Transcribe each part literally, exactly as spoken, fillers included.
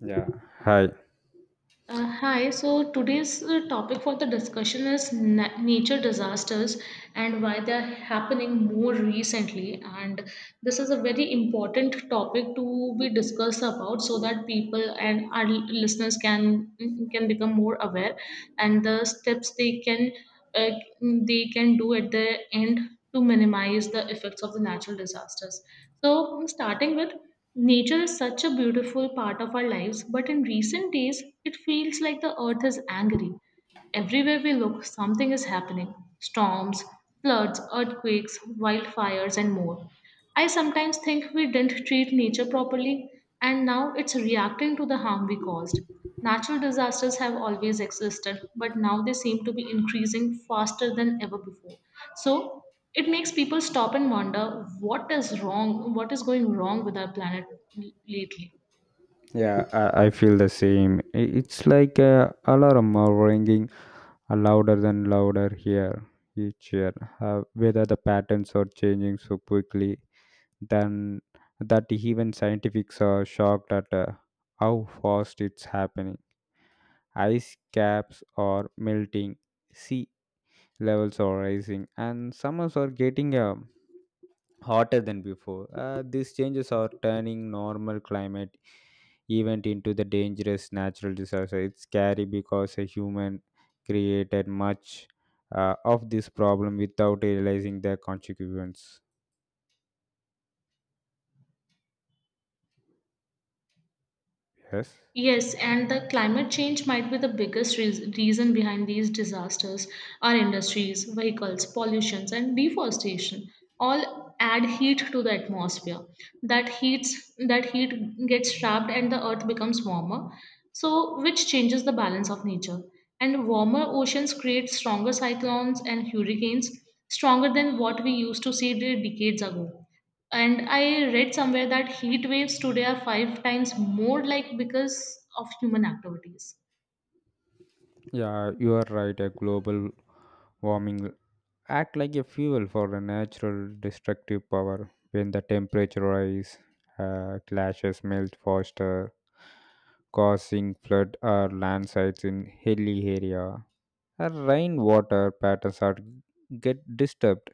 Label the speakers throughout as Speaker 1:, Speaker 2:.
Speaker 1: Yeah, hi.
Speaker 2: Uh, hi, so today's uh, topic for the discussion is na- nature disasters and why they are happening more recently. And this is a very important topic to be discussed about so that people and our listeners can mm, can become more aware and the steps they can uh, they can do at the end to minimize the effects of the natural disasters. So, starting with nature is such a beautiful part of our lives, but in recent days, it feels like the earth is angry. Everywhere we look, something is happening storms, floods, earthquakes, wildfires, and more. I sometimes think we didn't treat nature properly, and now it's reacting to the harm we caused. Natural disasters have always existed, but now they seem to be increasing faster than ever before. So it makes people stop and wonder what is wrong, what is going wrong with our planet lately.
Speaker 1: Yeah, I, I feel the same. I- It's like a alarm are ringing uh, louder than louder here each year. Uh, whether the patterns are changing so quickly, then that even scientists are shocked at uh, how fast it's happening. Ice caps are melting, sea levels are rising, and summers are getting uh, hotter than before. Uh, these changes are turning normal climate even into the dangerous natural disaster. It's scary because a human created much uh, of this problem without realizing the consequence. Yes.
Speaker 2: Yes, and the climate change might be the biggest reas- reason behind these disasters. Our industries, vehicles, pollutions, and deforestation all add heat to the atmosphere. That heats that heat gets trapped and the earth becomes warmer, so which changes the balance of nature. And warmer oceans create stronger cyclones and hurricanes, stronger than what we used to see de- decades ago, and I read somewhere that heat waves today are five times more like because of human activities.
Speaker 1: Yeah, you are right. A global warming act like a fuel for a natural destructive power. When the temperature rise, uh, clashes melt faster, causing flood or landslides in hilly area. Our rainwater patterns are get disturbed.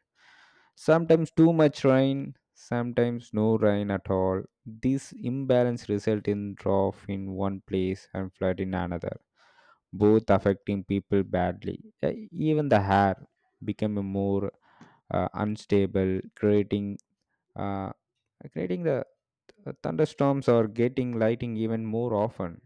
Speaker 1: Sometimes too much rain, sometimes no rain at all. This imbalance result in drought in one place and flood in another, both affecting people badly. Uh, Even the air become a more uh, unstable, creating uh, creating the uh, thunderstorms or getting lightning even more often.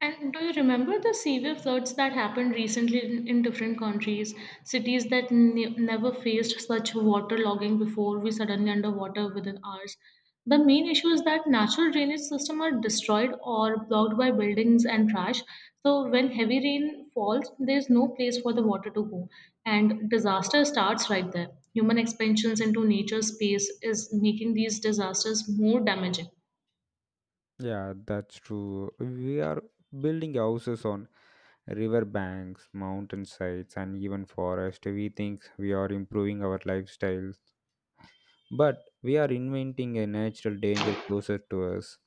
Speaker 2: And do you remember the severe floods that happened recently in, in different countries? Cities that ne- never faced such waterlogging before, we suddenly underwater within hours. The main issue is that natural drainage systems are destroyed or blocked by buildings and trash. So when heavy rain falls, there is no place for the water to go, and disaster starts right there. Human expansions into nature space is making these disasters more damaging.
Speaker 1: Yeah, that's true. We are building houses on river banks, mountain sides, and even forest. We think we are improving our lifestyles, but we are inventing a natural danger closer to us.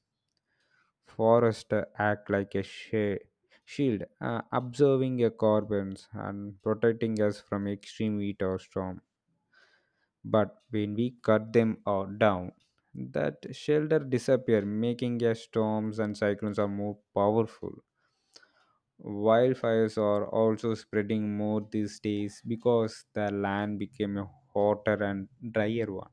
Speaker 1: Forests act like a she- shield, uh, observing our carbons and protecting us from extreme heat or storm. But when we cut them all down, that shelter disappear, making our storms and cyclones are more powerful. Wildfires are also spreading more these days because the land became a hotter and drier one.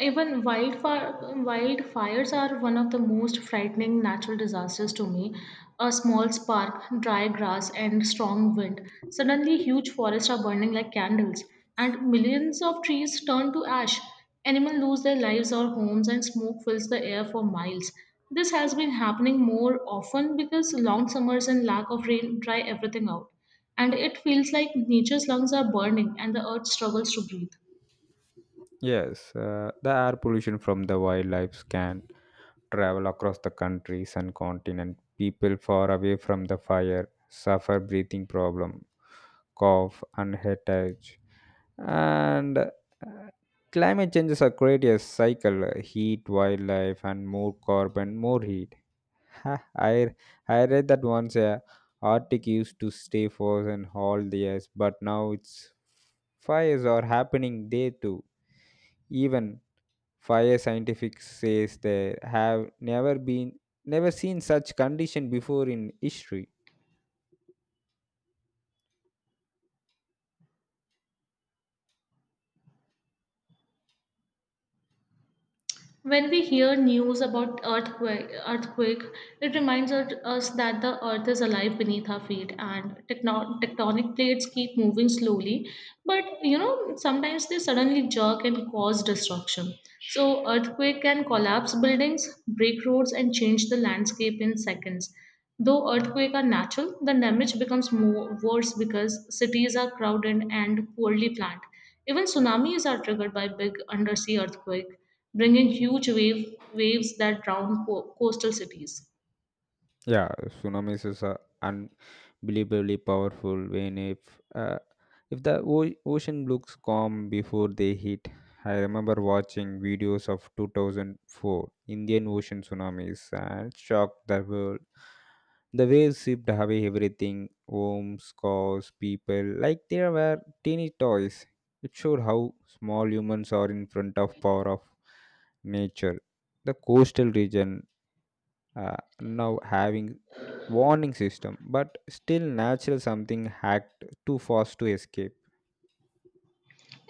Speaker 2: Even wildfire, wildfires are one of the most frightening natural disasters to me. A small spark, dry grass, and strong wind. Suddenly, huge forests are burning like candles, and millions of trees turn to ash. Animals lose their lives or homes, and smoke fills the air for miles. This has been happening more often because long summers and lack of rain dry everything out. And it feels like nature's lungs are burning and the earth struggles to breathe.
Speaker 1: Yes, uh, the air pollution from the wildlife can travel across the countries and continent. People far away from the fire suffer breathing problem, cough and headache. And uh, climate changes are creating a cycle: heat, wildlife, and more carbon, more heat. Ha, I I read that once. Uh, Arctic used to stay frozen all the years, but now it's fires are happening there too. Even fire scientifics says they have never been never seen such condition before in history.
Speaker 2: When we hear news about earthquake, earthquake, it reminds us us that the earth is alive beneath our feet and tecno- tectonic plates keep moving slowly. But you know, sometimes they suddenly jerk and cause destruction. So earthquake can collapse buildings, break roads, and change the landscape in seconds. Though earthquakes are natural, the damage becomes more worse because cities are crowded and poorly planned. Even tsunamis are triggered by big undersea earthquake bringing huge wave waves that drown co- coastal cities.
Speaker 1: Yeah, tsunamis is uh, believably powerful when if uh, if the o- ocean looks calm before they hit. I remember watching videos of two thousand four Indian Ocean tsunamis and shocked the world. The waves swept away everything, homes, cars, people, like they were teeny toys. It showed how small humans are in front of power of nature. The coastal region uh, now having warning system but still natural something hacked too fast to escape.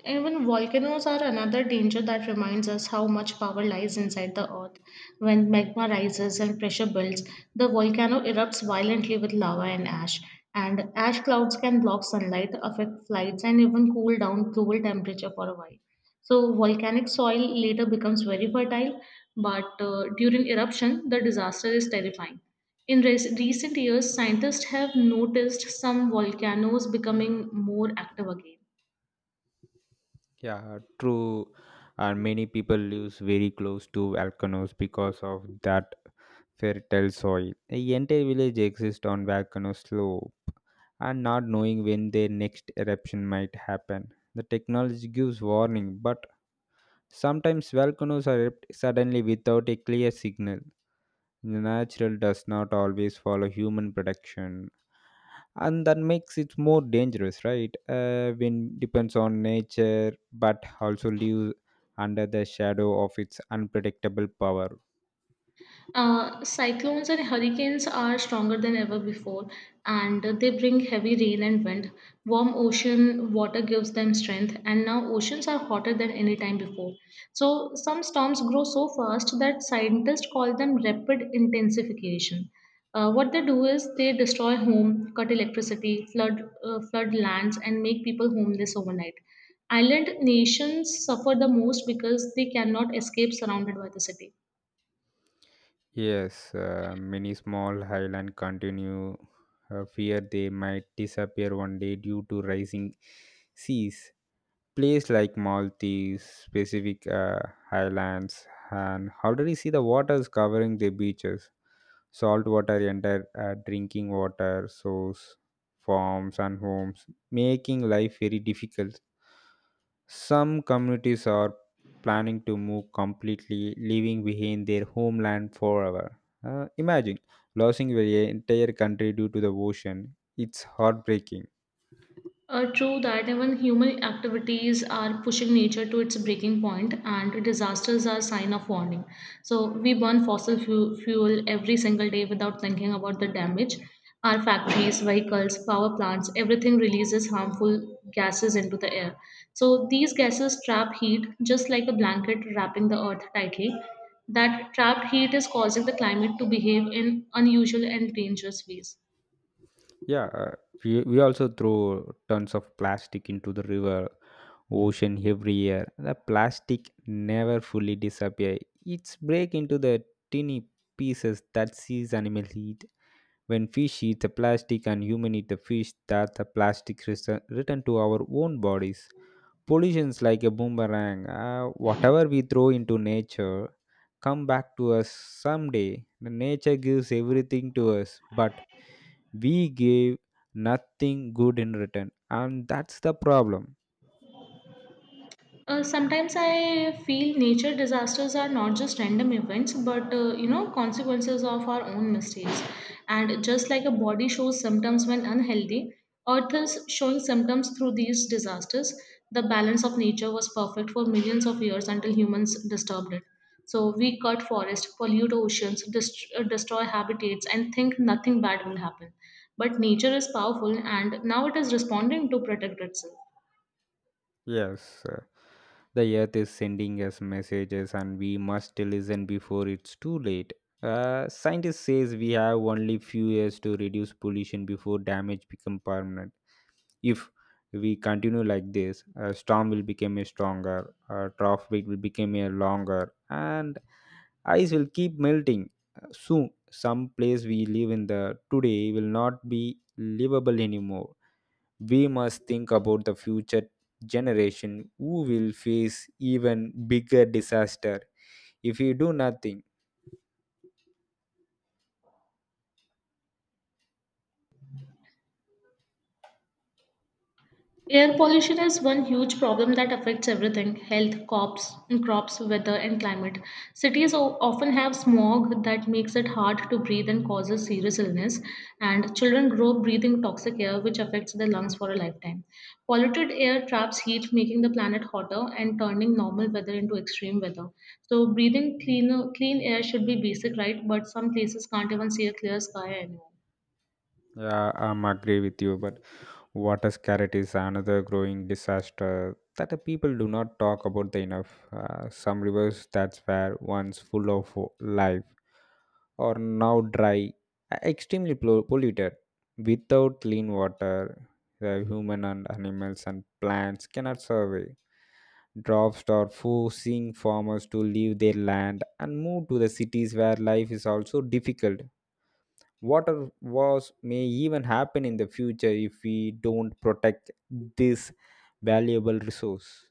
Speaker 2: Even volcanoes are another danger that reminds us how much power lies inside the earth. When magma rises and pressure builds, the volcano erupts violently with lava and ash. And ash clouds can block sunlight, affect flights, and even cool down global temperature for a while. So, volcanic soil later becomes very fertile, but uh, during eruption, the disaster is terrifying. In rec- recent years, scientists have noticed some volcanoes becoming more active again.
Speaker 1: Yeah, true, and many people lives very close to volcanoes because of that fertile soil. The entire village exists on volcano slope and not knowing when their next eruption might happen. The technology gives warning but sometimes volcanoes erupt suddenly without a clear signal. The natural does not always follow human production, and that makes it more dangerous, right? Uh, when depends on nature, but also lives under the shadow of its unpredictable power.
Speaker 2: Uh, cyclones and hurricanes are stronger than ever before, and they bring heavy rain and wind. Warm ocean water gives them strength, and now oceans are hotter than any time before. So, some storms grow so fast that scientists call them rapid intensification. Uh, what they do is they destroy home, cut electricity, flood uh, flood lands, and make people homeless overnight. Island nations suffer the most because they cannot escape surrounded by the city.
Speaker 1: Yes, uh, many small highland continue uh, fear they might disappear one day due to rising seas. Place like Maltese, Pacific uh, Highlands, and how do you see the waters covering the beaches? Salt water enter uh, drinking water source, farms and homes, making life very difficult. Some communities are planning to move completely, leaving behind their homeland forever. Uh, imagine losing your entire country due to the ocean. It's heartbreaking.
Speaker 2: Uh, true that, even human activities are pushing nature to its breaking point, and disasters are sign of warning. So we burn fossil fu- fuel every single day without thinking about the damage. Our factories, vehicles, power plants, everything releases harmful gases into the air. So these gases trap heat just like a blanket wrapping the earth tightly. That trapped heat is causing the climate to behave in unusual and dangerous ways.
Speaker 1: Yeah, uh, we, we also throw tons of plastic into the river, ocean every year. The plastic never fully disappear. It's break into the tiny pieces that seas animals eat. When fish eat the plastic and human eat the fish, that the plastic return return to our own bodies. Pollutions like a boomerang. Uh, whatever we throw into nature, come back to us someday. The nature gives everything to us, but we gave nothing good in return, and that's the problem.
Speaker 2: Uh, sometimes I feel nature disasters are not just random events, but uh, you know, consequences of our own mistakes. And just like a body shows symptoms when unhealthy, earth is showing symptoms through these disasters. The balance of nature was perfect for millions of years until humans disturbed it. So we cut forests, pollute oceans, dest- uh, destroy habitats, and think nothing bad will happen. But nature is powerful, and now it is responding to protect itself.
Speaker 1: Yes, uh, the earth is sending us messages and we must listen before it's too late. Uh, scientists says we have only few years to reduce pollution before damage become permanent. If we continue like this, a storm will become a stronger, a trough will become a longer, and ice will keep melting. Uh, soon some place we live in the today will not be livable anymore. We must think about the future generation who will face even bigger disaster if we do nothing.
Speaker 2: Air pollution is one huge problem that affects everything health, crops, crops, weather, and climate. Cities o- often have smog that makes it hard to breathe and causes serious illness, and children grow up breathing toxic air, which affects their lungs for a lifetime. Polluted air traps heat, making the planet hotter and turning normal weather into extreme weather. So, breathing cleaner, clean air should be basic right, but some places can't even see a clear sky anymore.
Speaker 1: Yeah, I'm agree with you, but water scarcity is another growing disaster that the people do not talk about the enough. Uh, some rivers that were once full of life are now dry, uh, extremely pol- polluted. Without clean water, the human and animals and plants cannot survive. Droughts are forcing farmers to leave their land and move to the cities where life is also difficult. Water wars may even happen in the future if we don't protect this valuable resource.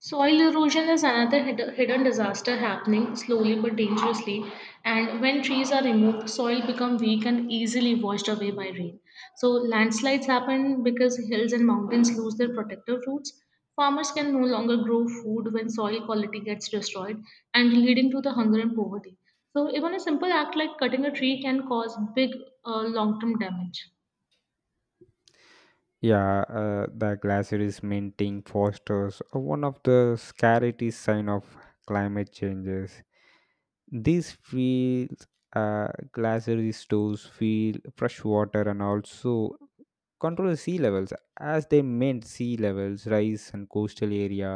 Speaker 2: Soil erosion is another hid- hidden disaster happening slowly but dangerously. And when trees are removed, soil become weak and easily washed away by rain. So landslides happen because hills and mountains lose their protective roots. Farmers can no longer grow food when soil quality gets destroyed and leading to the hunger and poverty. So even a simple act like cutting a tree can cause big uh, long-term damage.
Speaker 1: Yeah, uh, the glaciers melting fosters uh, one of the scariest sign of climate changes. These fields, uh, glacier stores, feel fresh water and also control the sea levels. As they meant sea levels rise and coastal area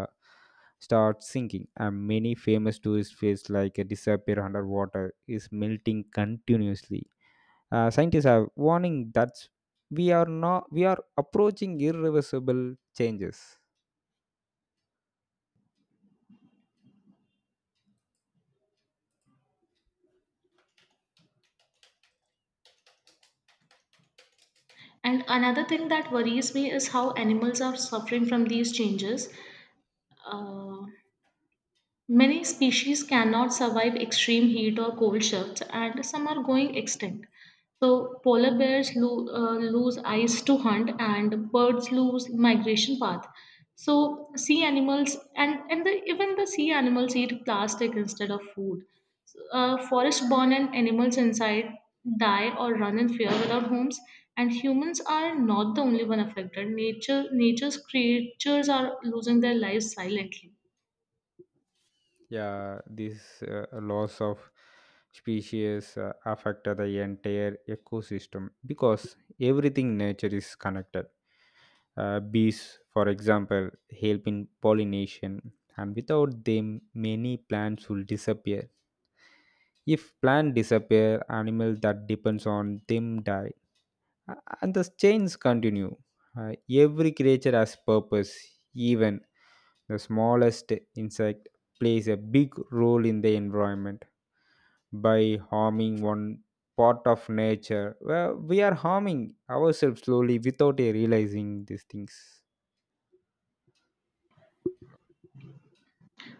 Speaker 1: start sinking, and many famous tourist places like uh, disappear underwater is melting continuously. Uh, scientists are warning that we are not we are approaching irreversible changes.
Speaker 2: And another thing that worries me is how animals are suffering from these changes. Uh, Many species cannot survive extreme heat or cold shifts, and some are going extinct. So, polar bears lo- uh, lose eyes to hunt, and birds lose migration path. So, sea animals and and the, even the sea animals eat plastic instead of food. So, Uh, forest-born and animals inside die or run in fear without homes. And humans are not the only one affected. Nature, nature's creatures are losing their lives silently.
Speaker 1: Yeah, this uh, loss of species uh, affect the entire ecosystem because everything nature is connected. Uh, bees, for example, help in pollination, and without them many plants will disappear. If plant disappear, animal that depends on them die. A- and the chains continue. Uh, every creature has purpose, even the smallest insect plays a big role in the environment. By harming one part of nature, well, we are harming ourselves slowly without a realizing these things.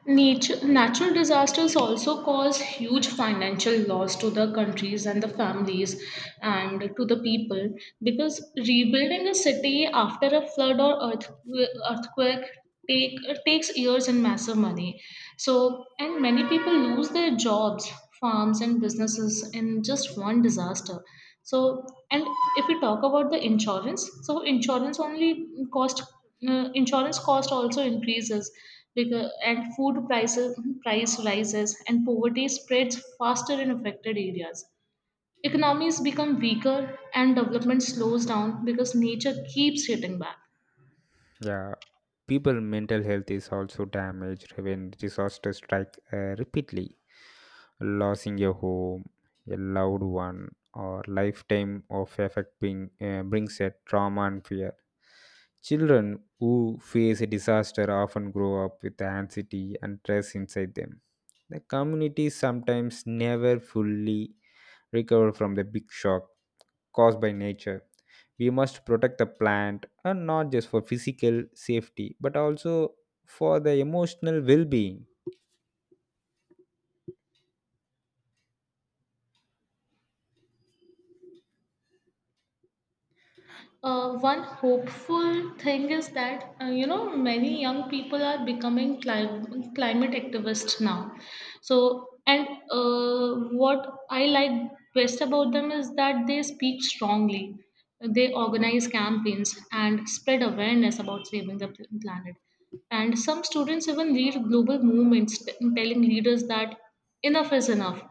Speaker 2: Nature, natural disasters also cause huge financial loss to the countries and the families and to the people because rebuilding a city after a flood or earth, earthquake take, takes years and massive money. So, and many people lose their jobs, farms, and businesses in just one disaster. So, and if we talk about the insurance, so insurance only cost, uh, insurance cost also increases because and food prices price rises and poverty spreads faster in affected areas. Economies become weaker and development slows down because nature keeps hitting back.
Speaker 1: Yeah, people mental health is also damaged when disasters strike uh, repeatedly losing a home, a loved one, or lifetime of effect being, uh, brings a trauma and fear. Children who face a disaster often grow up with anxiety and stress inside them. The community sometimes never fully recover from the big shock caused by nature. We must protect the plant and not just for physical safety but also for the emotional well being.
Speaker 2: Uh, one hopeful thing is that uh, you know, many young people are becoming clim- climate activists now. So, and uh, what I like best about them is that they speak strongly. They organize campaigns and spread awareness about saving the pl- planet. And some students even lead global movements, t- telling leaders that enough is enough.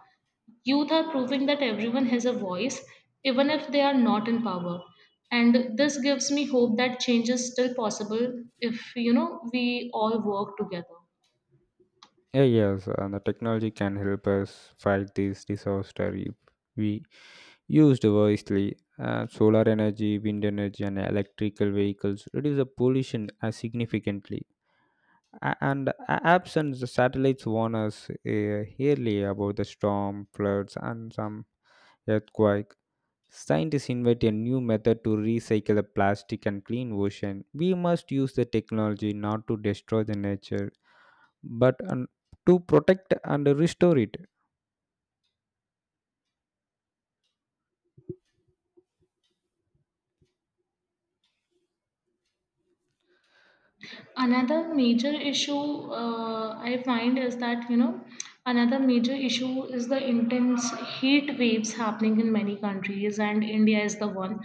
Speaker 2: Youth are proving that everyone has a voice, even if they are not in power. And this gives me hope that change is still possible if, you know, we all work together.
Speaker 1: Yeah, yes, and the technology can help us fight this disaster if we used wisely. Uh, solar energy, wind energy, and electrical vehicles reduce the pollution uh, significantly. A- and uh, Absent the satellites warn us uh, yearly about the storm, floods, and some earthquake. Scientists invent a new method to recycle the plastic and clean ocean. We must use the technology not to destroy the nature, but um, to protect and restore it.
Speaker 2: Another major issue uh, I find is that you know Another major issue is the intense heat waves happening in many countries, and India is the one.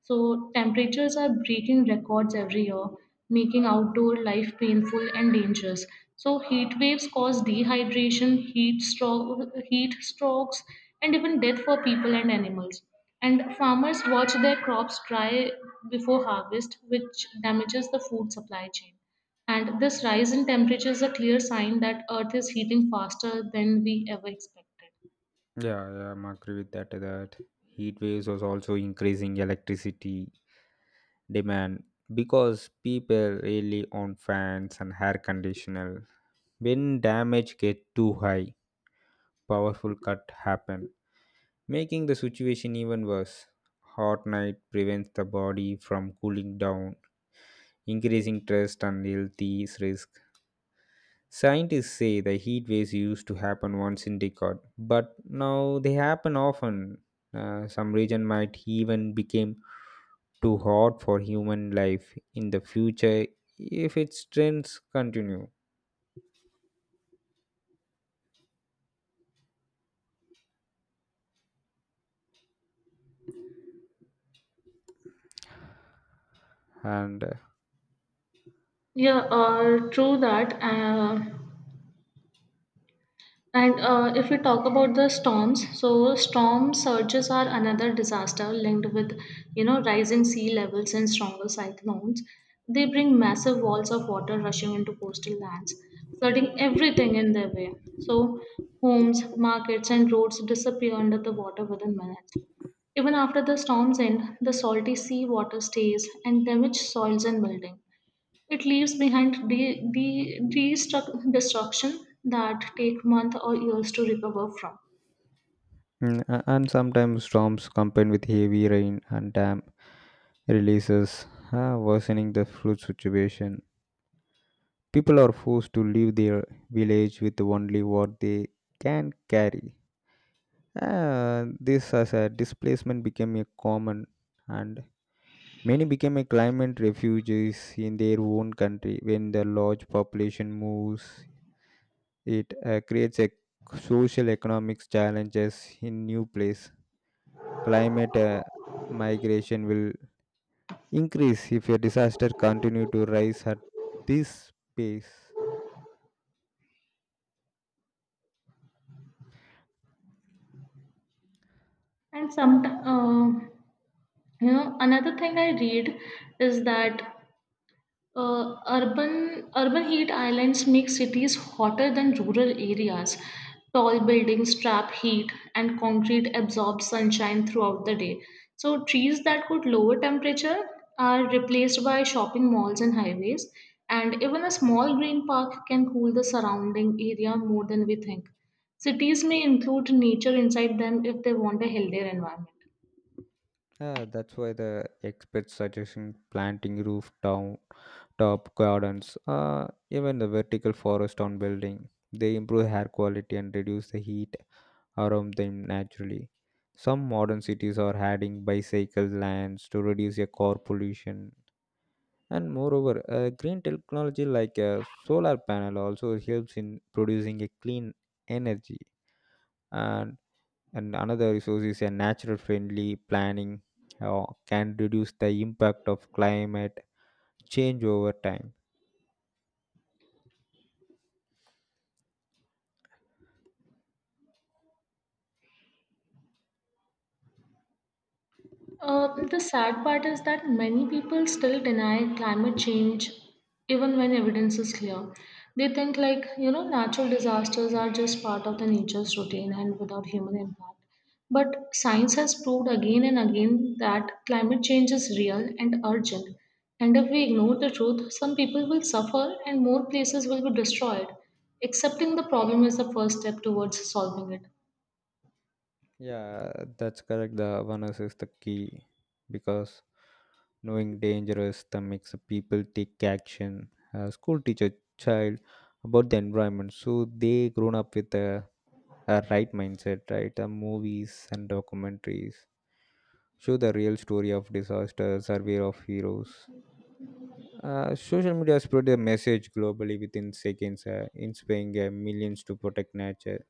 Speaker 2: So temperatures are breaking records every year, making outdoor life painful and dangerous. So heat waves cause dehydration, heat stroke, heat strokes, and even death for people and animals. And farmers watch their crops dry before harvest, which damages the food supply chain. And this rise in temperature is a clear sign that earth is heating faster than we ever expected.
Speaker 1: Yeah, yeah, I'm agree with that. That heat waves was also increasing electricity demand because people really on fans and air conditioner. When damage get too high, powerful cut happen, making the situation even worse. Hot night prevents the body from cooling down, increasing stress and health risk. Scientists say the heat waves used to happen once in decade, but now they happen often. Uh, some region might even become too hot for human life in the future if its trends continue. And uh,
Speaker 2: Yeah, uh, true that. Uh, And uh, if we talk about the storms, so storm surges are another disaster linked with, you know, rising sea levels and stronger cyclones. They bring massive walls of water rushing into coastal lands, flooding everything in their way. So homes, markets, and roads disappear under the water within minutes. Even after the storms end, the salty sea water stays and damages soils and buildings. It leaves behind the, the, destruct, destruction that take months or years to recover from.
Speaker 1: mm, a- and sometimes storms combine with heavy rain and dam releases, uh, worsening the flood situation. People are forced to leave their village with only what they can carry. Uh, this as a displacement became a common and many became a climate refugees in their own country. When the large population moves, it uh, creates a social economic challenges in new place. Climate uh, migration will increase if a disaster continue to rise at this pace.
Speaker 2: And some, uh, you know, another thing I read is that Uh, urban urban heat islands make cities hotter than rural areas. Tall buildings trap heat, and concrete absorbs sunshine throughout the day. So trees that could lower temperature are replaced by shopping malls and highways, and even a small green park can cool the surrounding area more than we think. Cities may include nature inside them if they want a healthier environment.
Speaker 1: Uh, that's why the experts suggesting planting roof down top gardens, uh, even the vertical forest on building. They improve air quality and reduce the heat around them naturally. Some modern cities are adding bicycle lanes to reduce your car pollution. And moreover, uh, green technology like a solar panel also helps in producing a clean energy. And, and another resource is a natural friendly planning uh, can reduce the impact of climate change over time.
Speaker 2: Uh, the sad part is that many people still deny climate change even when evidence is clear. They think, like, you know, natural disasters are just part of the nature's routine and without human impact. But science has proved again and again that climate change is real and urgent. And if we ignore the truth, some people will suffer and more places will be destroyed. Accepting the problem is the first step towards solving it.
Speaker 1: Yeah, that's correct. The awareness is the key because knowing danger is the makes the people take action. A school teacher child about the environment, so they grown up with a, a right mindset, right? The movies and documentaries show the real story of disaster, survey of heroes. Uh, social media spread a message globally within seconds, uh, inspiring uh, millions to protect nature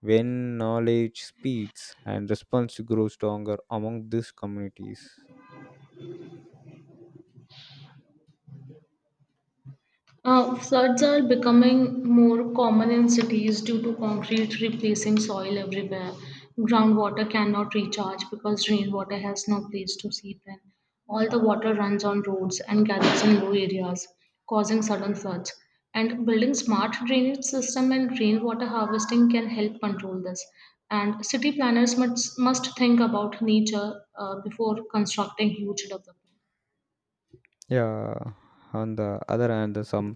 Speaker 1: when knowledge speeds and response grows stronger among these communities.
Speaker 2: Uh, floods are becoming more common in cities due to concrete replacing soil everywhere. Groundwater cannot recharge because rainwater has no place to seep in. All the water runs on roads and gathers in low areas, causing sudden floods. And building smart drainage system and rainwater harvesting can help control this. And city planners must, must think about nature uh, before constructing huge developments.
Speaker 1: Yeah, on the other hand the some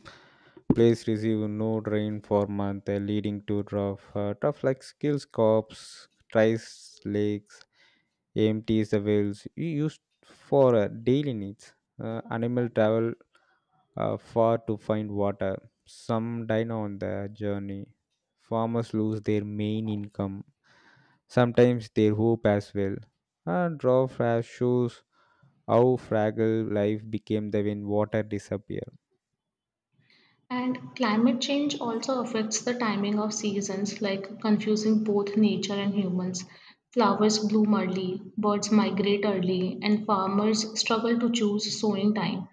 Speaker 1: place receive no rain for month, uh, leading to rough, uh, tough like skills crops tries lakes empties the wells u- used for uh, daily needs. Uh, animal travel uh, far to find water. Some die on the journey. Farmers lose their main income, sometimes their hope as well. And raw flash shows how fragile life became the when water disappeared.
Speaker 2: And climate change also affects the timing of seasons, like confusing both nature and humans. Flowers bloom early, birds migrate early, and farmers struggle to choose sowing time.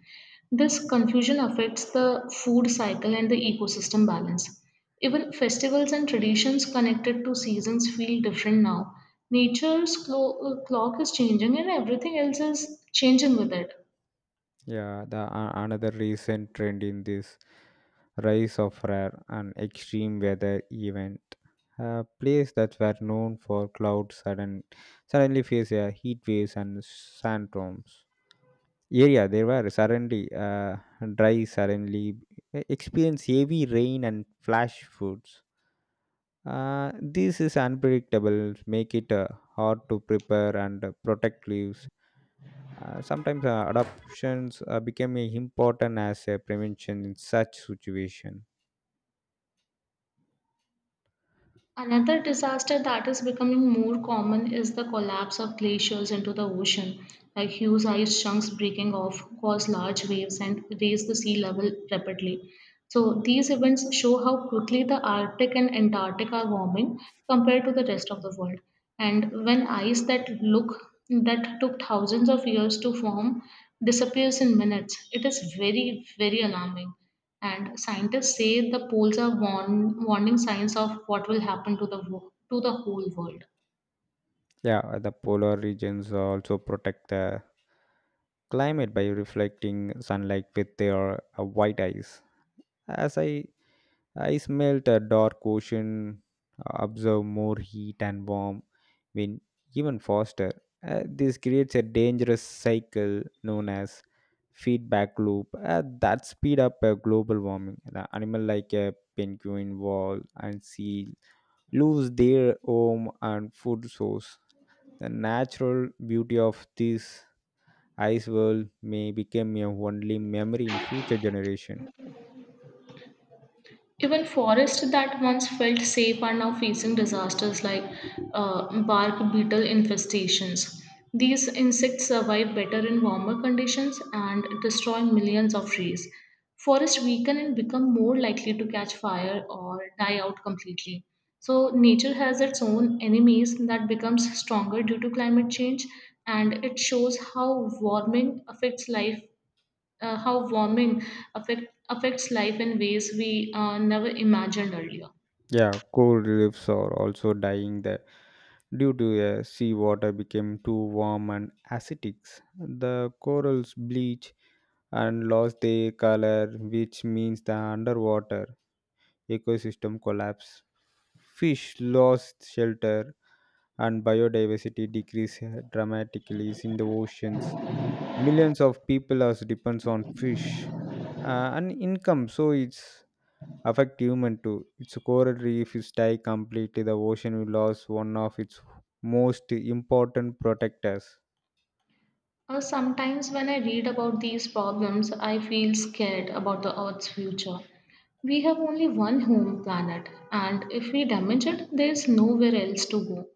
Speaker 2: This confusion affects the food cycle and the ecosystem balance. Even festivals and traditions connected to seasons feel different now. Nature's clo- uh, clock is changing, and everything else is changing with it.
Speaker 1: Yeah, the a- another recent trend in this rise of rare and extreme weather event. Uh, place that were known for clouds sudden suddenly face a heat waves and sandstorms. Area they were suddenly uh, dry suddenly e-, experience heavy rain and flash floods. Uh, this is unpredictable make it uh, hard to prepare and uh, protect leaves. Uh, sometimes uh, adoptions uh, become a important as a prevention in such situation.
Speaker 2: Another disaster that is becoming more common is the collapse of glaciers into the ocean, like huge ice chunks breaking off, cause large waves, and raise the sea level rapidly. So these events show how quickly the Arctic and Antarctic are warming compared to the rest of the world. And when ice that look that took thousands of years to form disappears in minutes, it is very, very alarming. And scientists say the poles are warn, warning signs of what will happen to the wo- to the whole world.
Speaker 1: Yeah, uh, the polar regions also protect the climate by reflecting sunlight with their uh, white ice. As I I smelt a dark ocean, observed more heat and warm when even faster. Uh, this creates a dangerous cycle known as feedback loop uh, that speed up uh, global warming. The animal like a penguin, whale, and seal lose their home and food source. The natural beauty of this ice world may become a only memory in future generation.
Speaker 2: Even forests that once felt safe are now facing disasters like uh, bark beetle infestations. These insects survive better in warmer conditions and destroy millions of trees. Forests weaken and become more likely to catch fire or die out completely. So, nature has its own enemies that becomes stronger due to climate change, and it shows how warming affects life uh, how warming affect, affects life in ways we uh, never imagined earlier.
Speaker 1: Yeah, coral reefs are also dying there due to uh, sea water became too warm and acidic. The corals bleach and lost their color, which means the underwater ecosystem collapse. Fish lost shelter and biodiversity decreased dramatically in the oceans. Millions of people are depends on fish uh, and income, so it's affect human too. Its coral reef is die completely, the ocean will lose one of its most important protectors.
Speaker 2: Uh, sometimes when I read about these problems, I feel scared about the Earth's future. We have only one home planet, and if we damage it, there's nowhere else to go.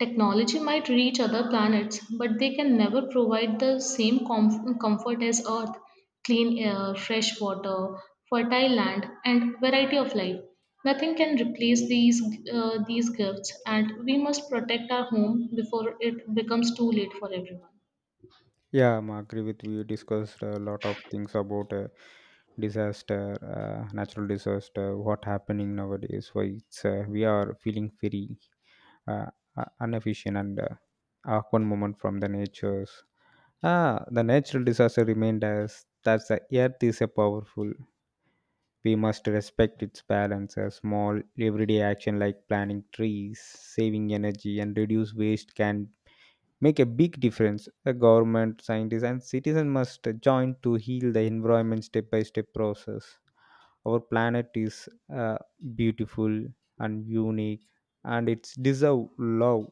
Speaker 2: Technology might reach other planets, but they can never provide the same com- comfort as Earth: clean air, fresh water, fertile land, and variety of life. Nothing can replace these, uh, these gifts, and we must protect our home before it becomes too late for everyone.
Speaker 1: Yeah, I'm agree with you. You discussed a lot of things about uh, disaster, uh, natural disaster, what happening nowadays. Why it's uh, we are feeling very uh, uh, inefficient and uh, awkward moment from the natures. Ah, the natural disaster remained as that the earth is a powerful. We must respect its balance. A small, everyday action like planting trees, saving energy, and reduce waste can make a big difference. The government, scientists, and citizens must join to heal the environment step by step process. Our planet is uh, beautiful and unique, and it's deserve love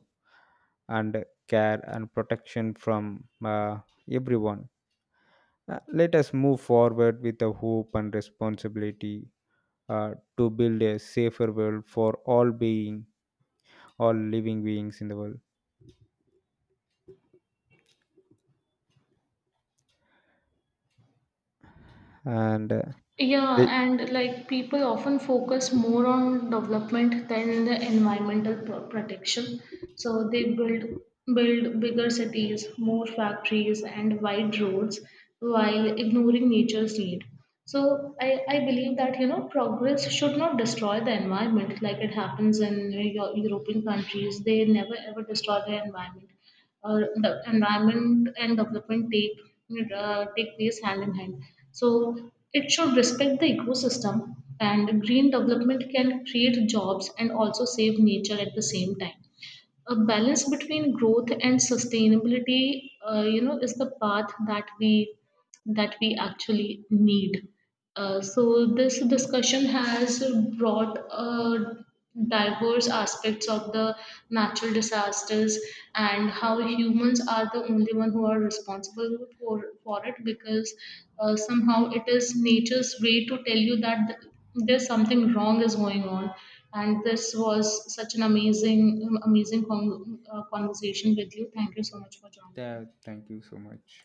Speaker 1: and care and protection from uh, everyone. Uh, let us move forward with the hope and responsibility uh, to build a safer world for all being all living beings in the world and uh,
Speaker 2: Yeah,
Speaker 1: they,
Speaker 2: and like people often focus more on development than the environmental pro- protection. So they build build bigger cities, more factories, and wide roads while ignoring nature's need. So I, I believe that you know progress should not destroy the environment like it happens in uh, Eu- European countries. They never ever destroy the environment uh, the environment and development take uh, take place hand in hand. So it should respect the ecosystem, and green development can create jobs and also save nature at the same time. A balance between growth and sustainability, uh, you know, is the path that we that we actually need. Uh, so this discussion has brought uh, diverse aspects of the natural disasters and how humans are the only one who are responsible for for it because uh, somehow it is nature's way to tell you that th- there's something wrong is going on, and this was such an amazing amazing con- uh, conversation with you. Thank you so much for joining
Speaker 1: yeah,
Speaker 2: in.
Speaker 1: thank you so much.